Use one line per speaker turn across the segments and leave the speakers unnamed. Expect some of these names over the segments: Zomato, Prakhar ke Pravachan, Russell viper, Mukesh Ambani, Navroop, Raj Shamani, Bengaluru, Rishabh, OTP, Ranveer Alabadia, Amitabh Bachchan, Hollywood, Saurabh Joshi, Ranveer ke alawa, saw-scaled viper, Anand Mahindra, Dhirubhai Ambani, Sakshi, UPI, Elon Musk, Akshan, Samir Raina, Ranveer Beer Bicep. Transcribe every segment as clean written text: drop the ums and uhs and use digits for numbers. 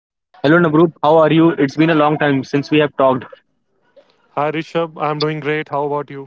Hello Navroop, how are you? It's been a long time since we have talked.
Hi Rishabh, I'm doing great. How about you?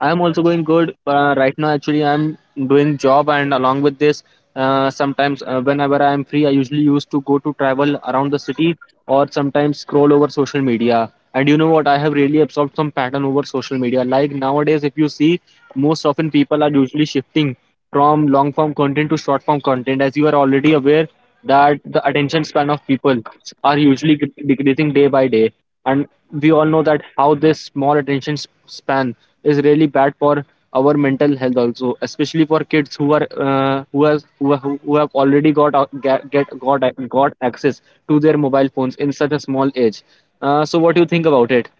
I am also going good right now. Actually, I am doing job and along with this, sometimes whenever I am free, I usually used to go to travel around the city or sometimes scroll over social media. And you know what? I have really absorbed some pattern over social media. Like nowadays, if you see, most often people are usually shifting from long form content to short form content, as you are already aware that the attention span of people are usually decreasing day by day, and we all know that how this small attention span is really bad for our mental health also, especially for kids who are who has who, ha- who have already got a- get got a- got access to their mobile phones in such a small age. So what do you think about it?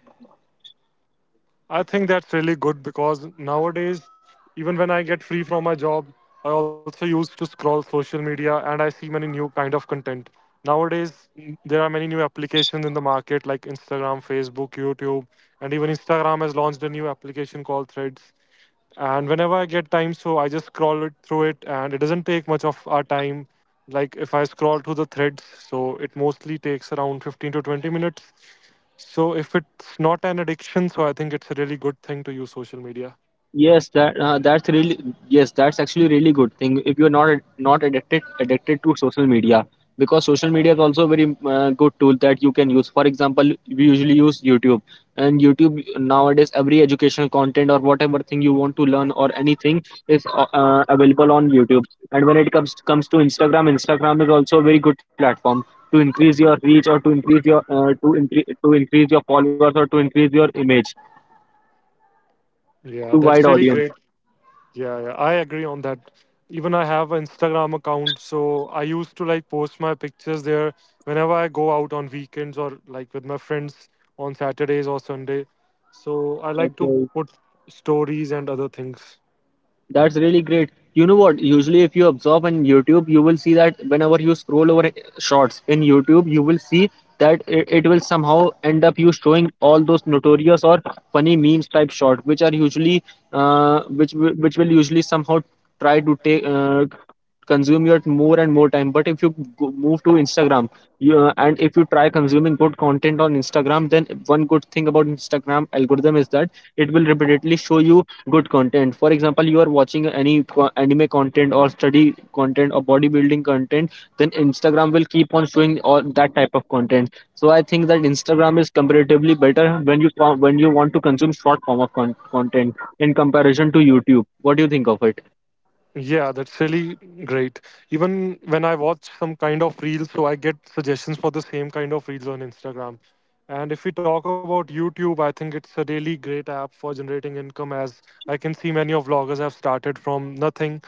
I think that's really good because nowadays, even when I get free from my job, I also used to scroll social media and I see many new kind of content. Nowadays, there are many new applications in the market like Instagram, Facebook, YouTube, and even Instagram has launched a new application called Threads. And whenever I get time, so I just scroll it through it, and it doesn't take much of our time. Like if I scroll through the threads, so it mostly takes around 15 to 20 minutes. So if it's not an addiction, so I think it's a really good thing to use social media.
Yes, that's actually really good thing if you're not addicted to social media, because social media is also a very good tool that you can use. For example, we usually use YouTube, and YouTube nowadays every educational content or whatever thing you want to learn or anything is available on YouTube. And when it comes to Instagram, Instagram is also a very good platform to increase your reach or to increase your followers or to increase your image
Yeah,
to wide
that's really
audience.
great. Yeah, yeah, I agree on that. Even I have an Instagram account, so I used to like post my pictures there whenever I go out on weekends or like with my friends on Saturdays or Sunday. So I like to
Okay.
put stories and other things.
That's really great. You know what? Usually, if you observe on YouTube, you will see that whenever you scroll over shorts in YouTube, you will see that it will somehow end up you showing all those notorious or funny memes type short, which are which will usually somehow try to take consume your more and more time. But if you move to Instagram, and if you try consuming good content on Instagram, then one good thing about Instagram algorithm is that it will repeatedly show you good content. For example, you are watching any anime content or study content or bodybuilding content, then Instagram will keep on showing all that type of content. So I think that Instagram is comparatively better when you when you want to consume short form of content in comparison to YouTube. What do you think of it?
Yeah, that's really great. Even when I watch some kind of reels, so I get suggestions for the same kind of reels on Instagram. And if we talk about YouTube, I think it's a really great app for generating income as I can see many of vloggers have started from nothing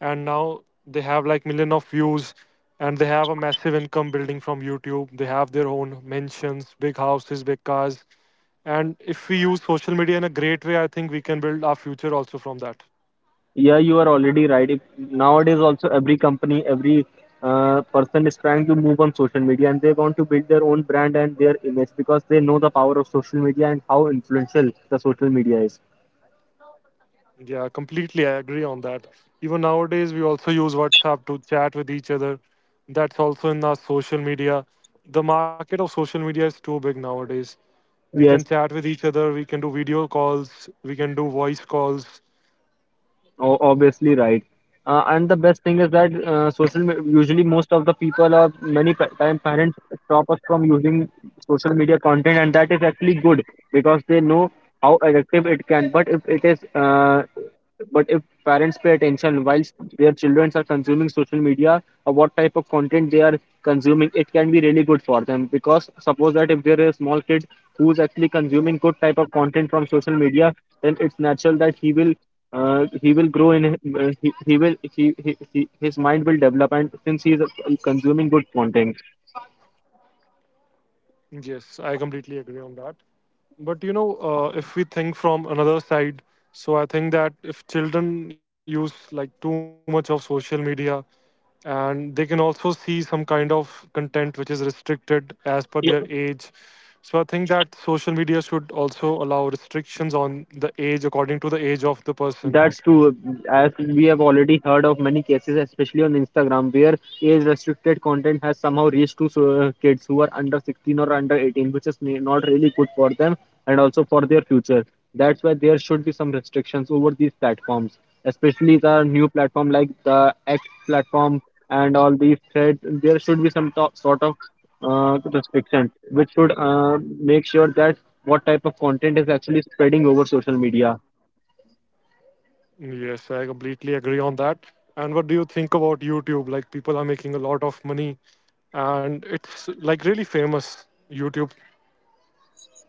and now they have like million of views and they have a massive income building from YouTube. They have their own mansions, big houses, big cars. And if we use social media in a great way, I think we can build our future also from that.
Yeah, you are already right. Nowadays also every company, every person is trying to move on social media, and they want to build their own brand and their image, because they know the power of social media and how influential the social media is.
Yeah, completely. I agree on that. Even nowadays, we also use WhatsApp to chat with each other. That's also in our social media. The market of social media is too big nowadays. We can
Yes,
chat with each other, we can do video calls, we can do voice calls.
obviously right. And the best thing is that usually most of the people or many time parents stop us from using social media content, and that is actually good because they know how addictive it can. But if parents pay attention whilst their children are consuming social media or what type of content they are consuming, it can be really good for them. Because suppose that if there is a small kid who is actually consuming good type of content from social media, then it's natural that he will grow in he will he his mind will develop, and since he is consuming good content.
Yes, I completely agree on that. But you know, if we think from another side, so I think that if children use like too much of social media, and they can also see some kind of content which is restricted as per their age, so I think that social media should also allow restrictions on the age according to the age of the person.
That's true. As we have already heard of many cases, especially on Instagram, where age-restricted content has somehow reached to kids who are under 16 or under 18, which is not really good for them and also for their future. That's why there should be some restrictions over these platforms, especially the new platform like the X platform and all these threads. There should be some sort of restriction which should make sure that what type of content is actually spreading over social media.
Yes, I completely agree on that. And what do you think about YouTube? Like, people are making a lot of money and it's like really famous YouTube.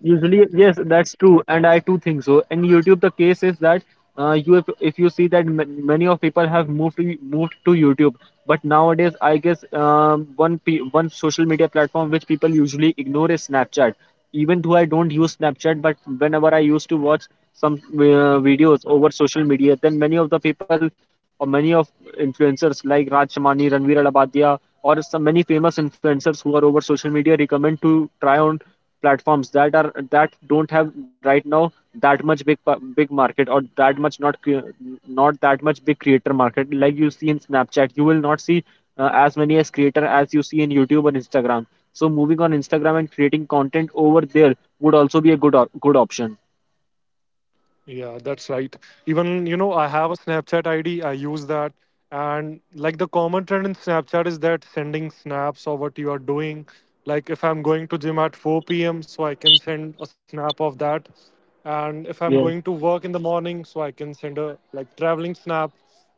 Usually, yes, that's true, and I too think so. And YouTube, the case is that you if you see that many of people have moved to YouTube. But nowadays I guess one social media platform which people usually ignore is Snapchat. Even though I don't use Snapchat, but whenever I used to watch some videos over social media, then many of the people or many of influencers like Raj Shamani, Ranveer Alabadia, or some many famous influencers who are over social media recommend to try on platforms that don't have right now that much big market or that much not that much big creator market. Like you see in Snapchat, you will not see as many as creator as you see in YouTube or Instagram. So moving on Instagram and creating content over there would also be a good option.
Yeah, that's right. Even, you know, I have a Snapchat ID, I use that. And like the common trend in Snapchat is that sending snaps of what you are doing. Like if I'm going to gym at 4 p.m., so I can send a snap of that. And if I'm
Yeah,
going to work in the morning, so I can send a like traveling snap.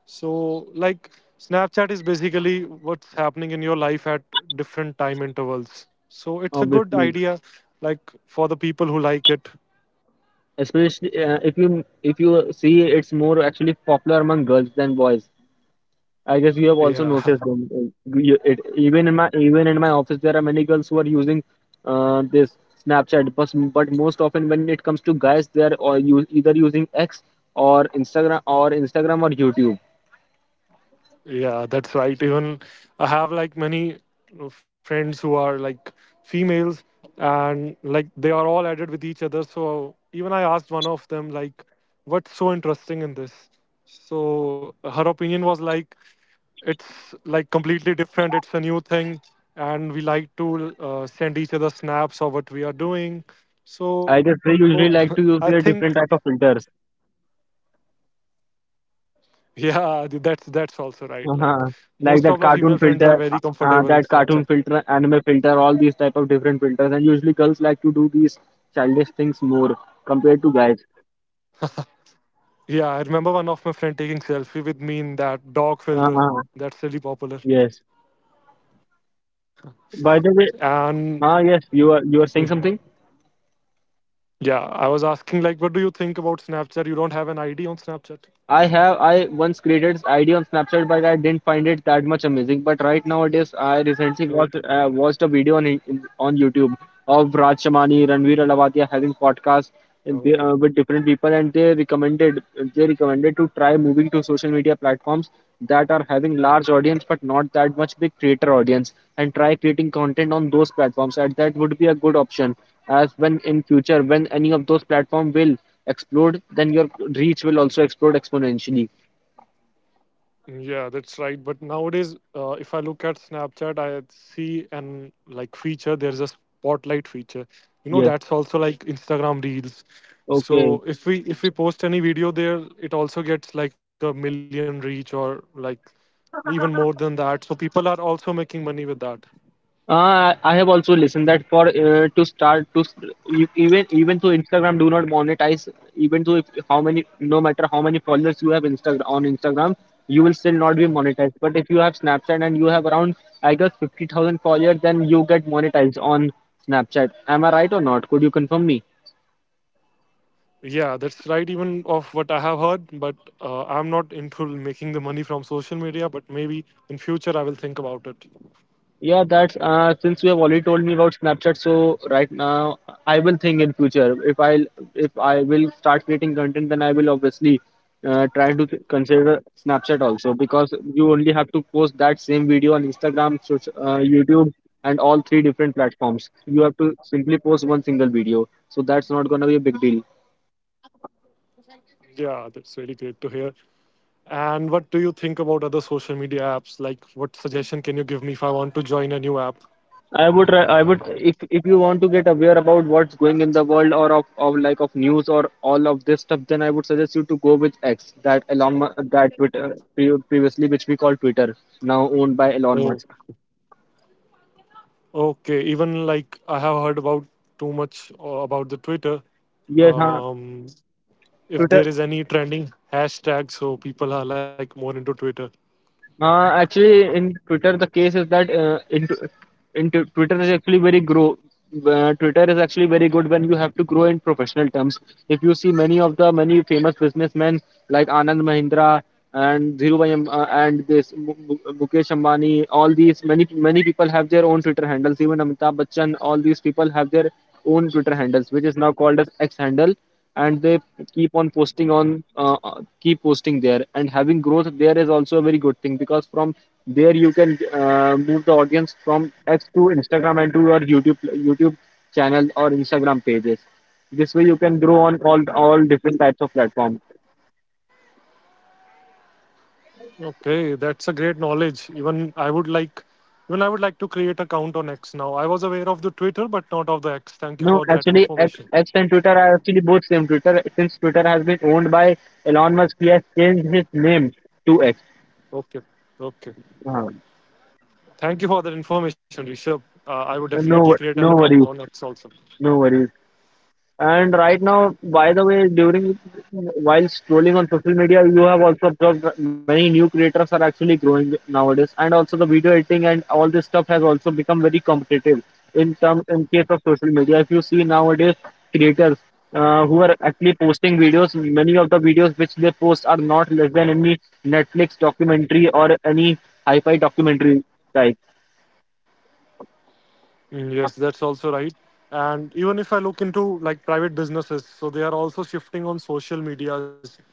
So like Snapchat is basically what's happening in your life at different time intervals. So it's a good
obviously,
idea, like for the people who like it.
especially if you see it's more actually popular among girls than boys. I guess you have also
Yeah.
noticed them. It, even in my office, there are many girls who are using this Snapchat. But most often, when it comes to guys, they are or use, either using X or Instagram or YouTube.
Yeah, that's right. Even I have like many friends who are like females and like they are all added with each other. So even I asked one of them, like, what's so interesting in this? So her opinion was like, it's like completely different. It's a new thing. And we like to send each other snaps of what we are doing. So
I guess they
I
usually
think,
like to use their different type of filters,
yeah, that's also right. Like most of my
uh
female friends
like
are
that
very
cartoon
comfortable
filter,
in Snapchat.
anime filter, all these type of different filters. And usually, girls like to do these childish things more compared to guys.
Yeah, I remember one of my friend taking selfie with me in that dog filter.
uh
That's really popular.
Yes. By the way,
And
ah, yes, you are saying something.
yeah, I was asking like, what do you think about Snapchat? You don't have an ID on Snapchat?
I once created ID on Snapchat, but I didn't find it that much amazing. But right nowadays, I recently watched
Okay.
uh, watched a video on YouTube of Raj Shamani, Ranveer Alavatia having podcast and
Okay.
with different people, and they recommended to try moving to social media platforms that are having large audience but not that much big creator audience, and try creating content on those platforms. And that would be a good option, as when in future when any of those platform will explode, then your reach will also explode exponentially.
Yeah, that's right. But nowadays, if I look at Snapchat, I see an like feature. There's a spotlight feature. You know,
Yes.
that's also like Instagram Reels.
Okay.
So if we post any video there, it also gets like a million reach or like even more than that. So people are also making money with that.
I have also listened that for to start to s- you, even even though Instagram do not monetize, even though if how many no matter how many followers you have Instagram on Instagram, you will still not be monetized. But if you have Snapchat and you have around I guess 50,000 followers, then you get monetized on Snapchat. Am I right or not? Could you confirm me?
Yeah, that's right. Even of what I have heard, but I'm not into making the money from social media. But maybe in future I will think about it.
Yeah, that's since you have already told me about Snapchat, so right now I will think in future if I will start creating content, then I will obviously try to consider Snapchat also, because you only have to post that same video on Instagram, YouTube, and all three different platforms. You have to simply post one single video, so that's not gonna be a big deal.
Yeah, that's really great to hear. And what do you think about other social media apps? Like, what suggestion can you give me if I want to join a new app?
I would if you want to get aware about what's going in the world or of like of news or all of this stuff, then I would suggest you to go with X, that Twitter previously which we call Twitter, now owned by Elon
Oh,
Musk.
okay. Even like I have heard about too much about the Twitter.
Yes, huh?
Um, if
Twitter.
there is any trending hashtag, so people are like more into Twitter.
Actually, in Twitter, the case is that Twitter is actually very grow. Twitter is actually very good when you have to grow in professional terms. If you see many of the many famous businessmen like Anand Mahindra and Dhirubhai Am- and this Mu- Mu- Mukesh Ambani, all these many people have their own Twitter handles. Even Amitabh Bachchan, all these people have their own Twitter handles, which is now called as X handle, and they keep on posting on uh, keep posting there, and having growth there is also a very good thing, because from there you can move the audience from X to Instagram and to your YouTube channel or Instagram pages. This way you can grow on all different types of platforms.
Okay, that's a great knowledge. Even I would like to create account on X now. I was aware of the Twitter, but not of the X. Thank you
No,
for that
actually x,
information.
x and Twitter are actually both same. Twitter, since Twitter has been owned by Elon Musk, he has changed his name to X.
Okay, okay.
uh,
Thank you for that information, Rishabh. I would definitely
no,
create an
no
account on
worries.
X also.
No worries. And right now, by the way, during while scrolling on social media, you have also observed that many new creators are actually growing nowadays, and also the video editing and all this stuff has also become very competitive in case of social media. If you see nowadays creators who are actually posting videos, many of the videos which they post are not less than any Netflix documentary or any hi-fi documentary type.
Mm, yes, that's also right. And even if I look into like private businesses, so they are also shifting on social medias.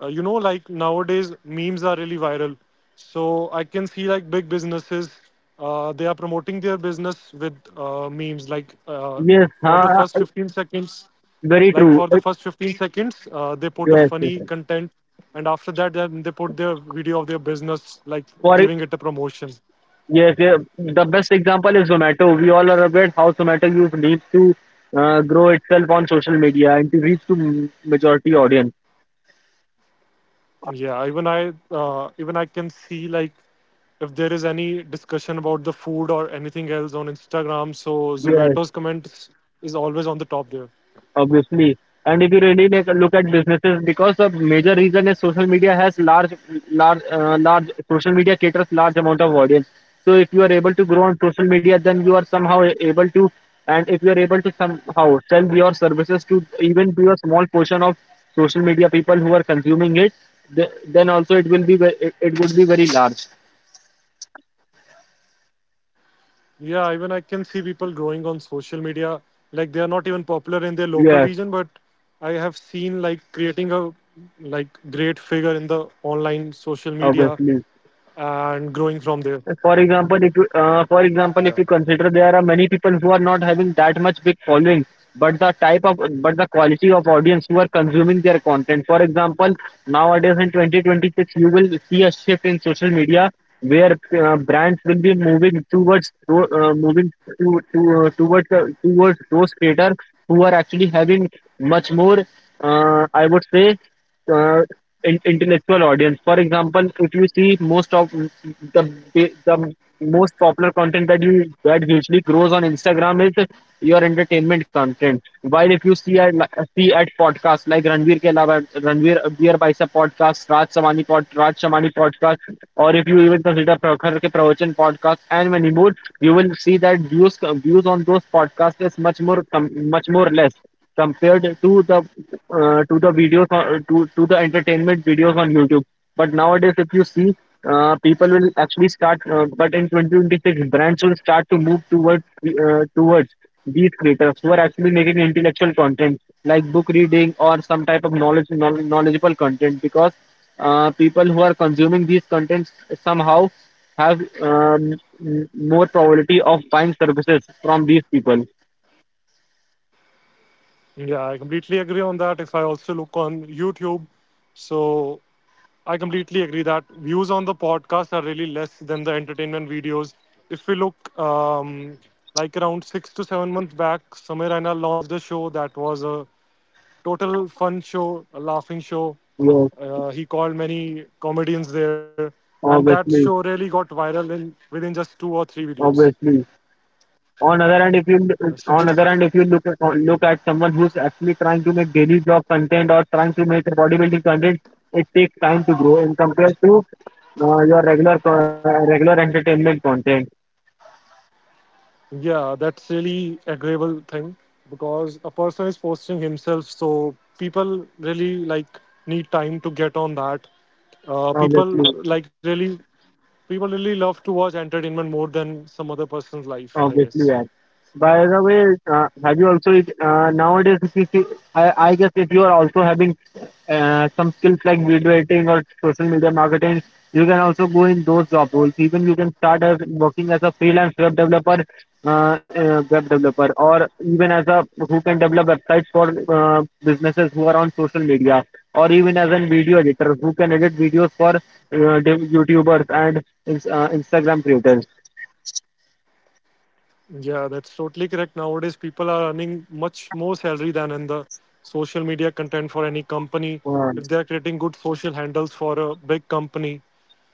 You know, like nowadays memes are really viral. So I can see like big businesses, they are promoting their business with memes. Like
Yes,
for the
huh,
first 15 seconds,
very
like
true.
for the
It,
first 15 seconds uh, they put a
yes, yes,
funny
yes.
content, and after that then they put their video of their business, like
For
giving it a promotion.
yes, yeah. The best example is Zomato. We all are aware how Zomato use needs to grow itself on social media and to reach to majority audience.
Yeah, even I can see like if there is any discussion about the food or anything else on Instagram, so
Yes,
Zomato's comments is always on the top there.
obviously. And if you really like look at businesses, because the major reason is social media has large, large, large social media caters large amount of audience. So if you are able to grow on social media, then you are somehow able to, and if you are able to somehow sell your services to even to a small portion of social media people who are consuming it, then also it will be it would be very large.
Yeah, even I can see people growing on social media, like they are not even popular in their local region, but I
Yes,
have seen like creating a like great figure in the online social media and
obviously.
growing from there.
For example, if
Yeah.
you, for example, if you consider there are many people who are not having that much big following, but the type of, but the quality of audience who are consuming their content. For example, nowadays in 2026, you will see a shift in social media where brands will be moving towards, moving to, towards, towards those creators who are actually having much more, I would say, uh, intellectual audience. For example, if you see most of the the most popular content that you that usually grows on Instagram is your entertainment content. While if you see at podcasts like Ranveer ke alawa, Ranveer Beer Bicep podcast, Raj Samani podcast, or if you even consider Prakhar ke Pravachan podcast and many more, you will see that views on those podcasts is much more less compared to the videos on, to the entertainment videos on YouTube. But nowadays, if you see, people will actually start. But in 2026, brands will start to move towards towards these creators who are actually making intellectual content like book reading or some type of knowledgeable content because people who are consuming these contents somehow have more probability of buying services from these people.
Yeah, I completely agree on that. If I also look on YouTube, so I completely agree that views on the podcast are really less than the entertainment videos. If we look like around 6 to 7 months back, Samir Raina launched a show that was a total fun show, a laughing show.
Yes,
He called many comedians there, and that show
obviously,
really got viral in within just two or three videos.
obviously. On other hand if you
Yeah, so
on
this
other hand if you look at, look at someone who's actually trying to make daily job content or trying to make a bodybuilding content. It takes time to grow in compared to your regular entertainment content.
Yeah, that's really agreeable thing because a person is posting himself, so people really like need time to get on that. Uh, people
Obviously.
like really People really love to watch entertainment more than some other person's life, I guess.
Obviously, yeah. By the way, have you also nowadays? If you see, I guess if you are also having some skills like video editing or social media marketing, you can also go in those job roles. Even you can start as working as a freelance web developer, or even as a who can develop websites for businesses who are on social media, or even as a video editor who can edit videos for YouTubers and Instagram creators.
Yeah, that's totally correct. Nowadays, people are earning much more salary than in the social media content for any company.
Uh,
If they are creating good social handles for a big company,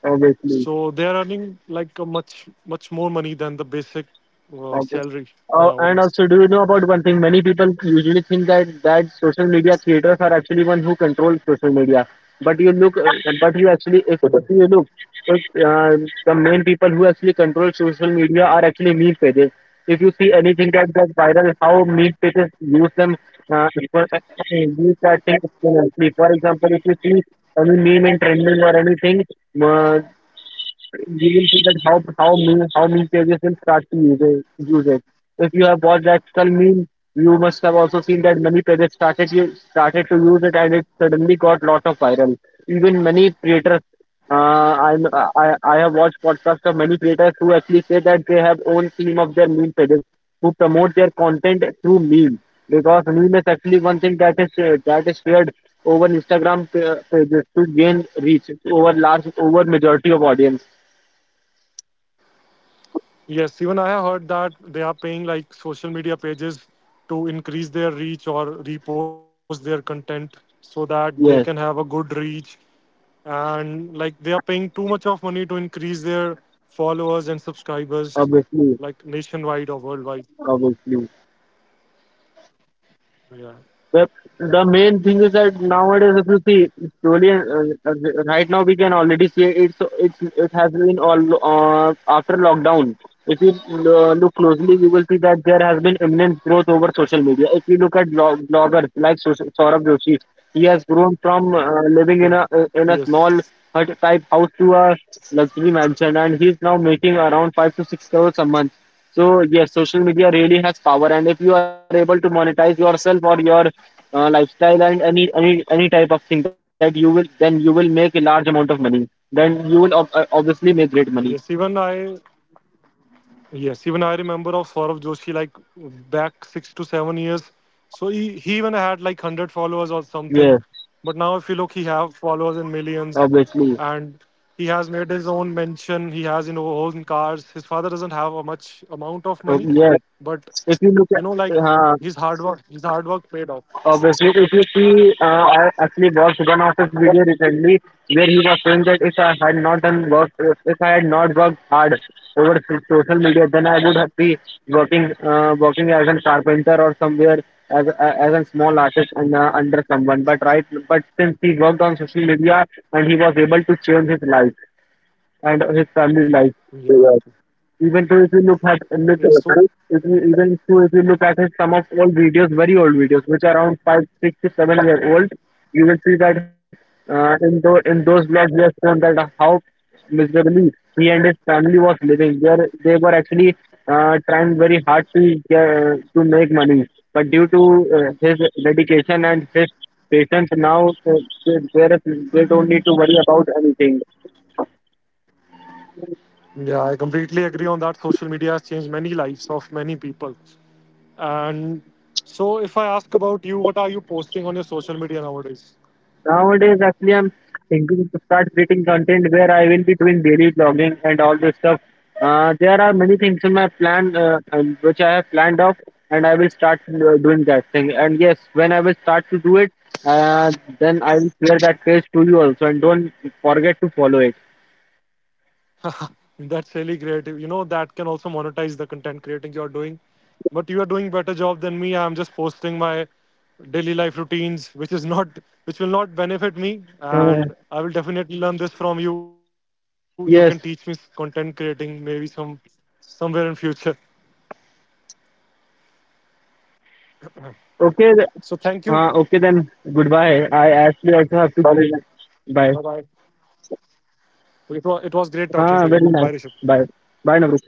obviously.
so they are earning like a much much more money than the basic
Okay.
salary
And
nowadays.
also, do you know about one thing? Many people usually think that social media creators are actually one who controls social media. But you look, uh, but you actually, if you look, if, the main people who actually control social media are actually meme pages. If you see anything that goes viral, how meme pages use them, uh, for, uh, use that thing exponentially. For example, if you see any meme in trending or anything, uh, you will see that how meme pages will start to use it, use it. If you have watched that skull meme, you must have also seen that many pages started to use it, and it suddenly got lot of viral. Even many creators, uh, I'm, I I have watched podcasts of many creators who actually say that they have own team of their meme pages who promote their content through meme, because meme is actually one thing that is shared over Instagram pages to gain reach over large over majority of audience.
Yes, even I have heard that they are paying like social media pages to increase their reach or repost their content so
Yes,
that they can have a good reach. And like they are paying too much of money to increase their followers and subscribers,
obviously,
like nationwide or worldwide.
obviously.
Yeah,
But the main thing is that nowadays, if you see slowly, right now we can already see it has been all after lockdown. If you look closely, you will see that there has been immense growth over social media. If you look at bloggers like Saurabh Joshi, he has grown from
yeah,
living in
yes,
a small hut type house to a luxury mansion, and he's now making around 5 to 6 crores a month. So yes, social media really has power, and if you are able to monetize yourself or your lifestyle and any type of thing that you will, then you will make a large amount of money. Then you will obviously make great money.
yes. Even I Yes, even I remember of Saurabh Joshi like back 6 to 7 years. So he even had like 100 followers or
Yes,
something. But now if you look, he have followers in millions,
obviously.
and he has made his own mention. He has you know own cars. His father doesn't have a much amount of
So
money,
yes,
but
if you look
you know
at,
like
uh,
his hard work paid off.
obviously, if you see, I actually watched one of his video recently where he was saying that if I had not done work, if I had not worked hard over social media, then I would have be working, working as a carpenter or somewhere as a- as a small artist and under someone. But right, but since he worked on social media and he was able to change his life and his family life.
Yeah.
Even though if you look
Yeah.
at
So
if you, even though if you look at his some of old videos, very old videos, which are around 5, 6 to 7 year old, you will see that in those vlogs he has shown that how miserably he and his family was living. Where they were actually trying very hard to make money, but due to his dedication and his patience, now they don't need to worry about anything.
yeah, I completely agree on that. Social media has changed many lives of many people. And so, if I ask about you, what are you posting on your social media nowadays?
Nowadays, actually, I'm thinking to start creating content where I will be doing daily vlogging and all this stuff. There are many things in my plan which I have planned off, and I will start doing that thing. And yes, when I will start to do it, uh, then I will share that page to you also, and don't forget to follow it.
That's really great. You know, that can also monetize the content creating you're doing. But you are doing better job than me. I'm just posting my daily life routines, which will not benefit me.
Uh,
And I will definitely learn this from you. You can teach me
yes.
content creating maybe somewhere in future.
Okay.
So thank you.
Okay then. Goodbye. I actually also have to. Sorry. Bye.
Bye bye. It was great
Ah,
talking to
very
you.
nice.
Bye, Rishabh.
Bye. Bye, Navru.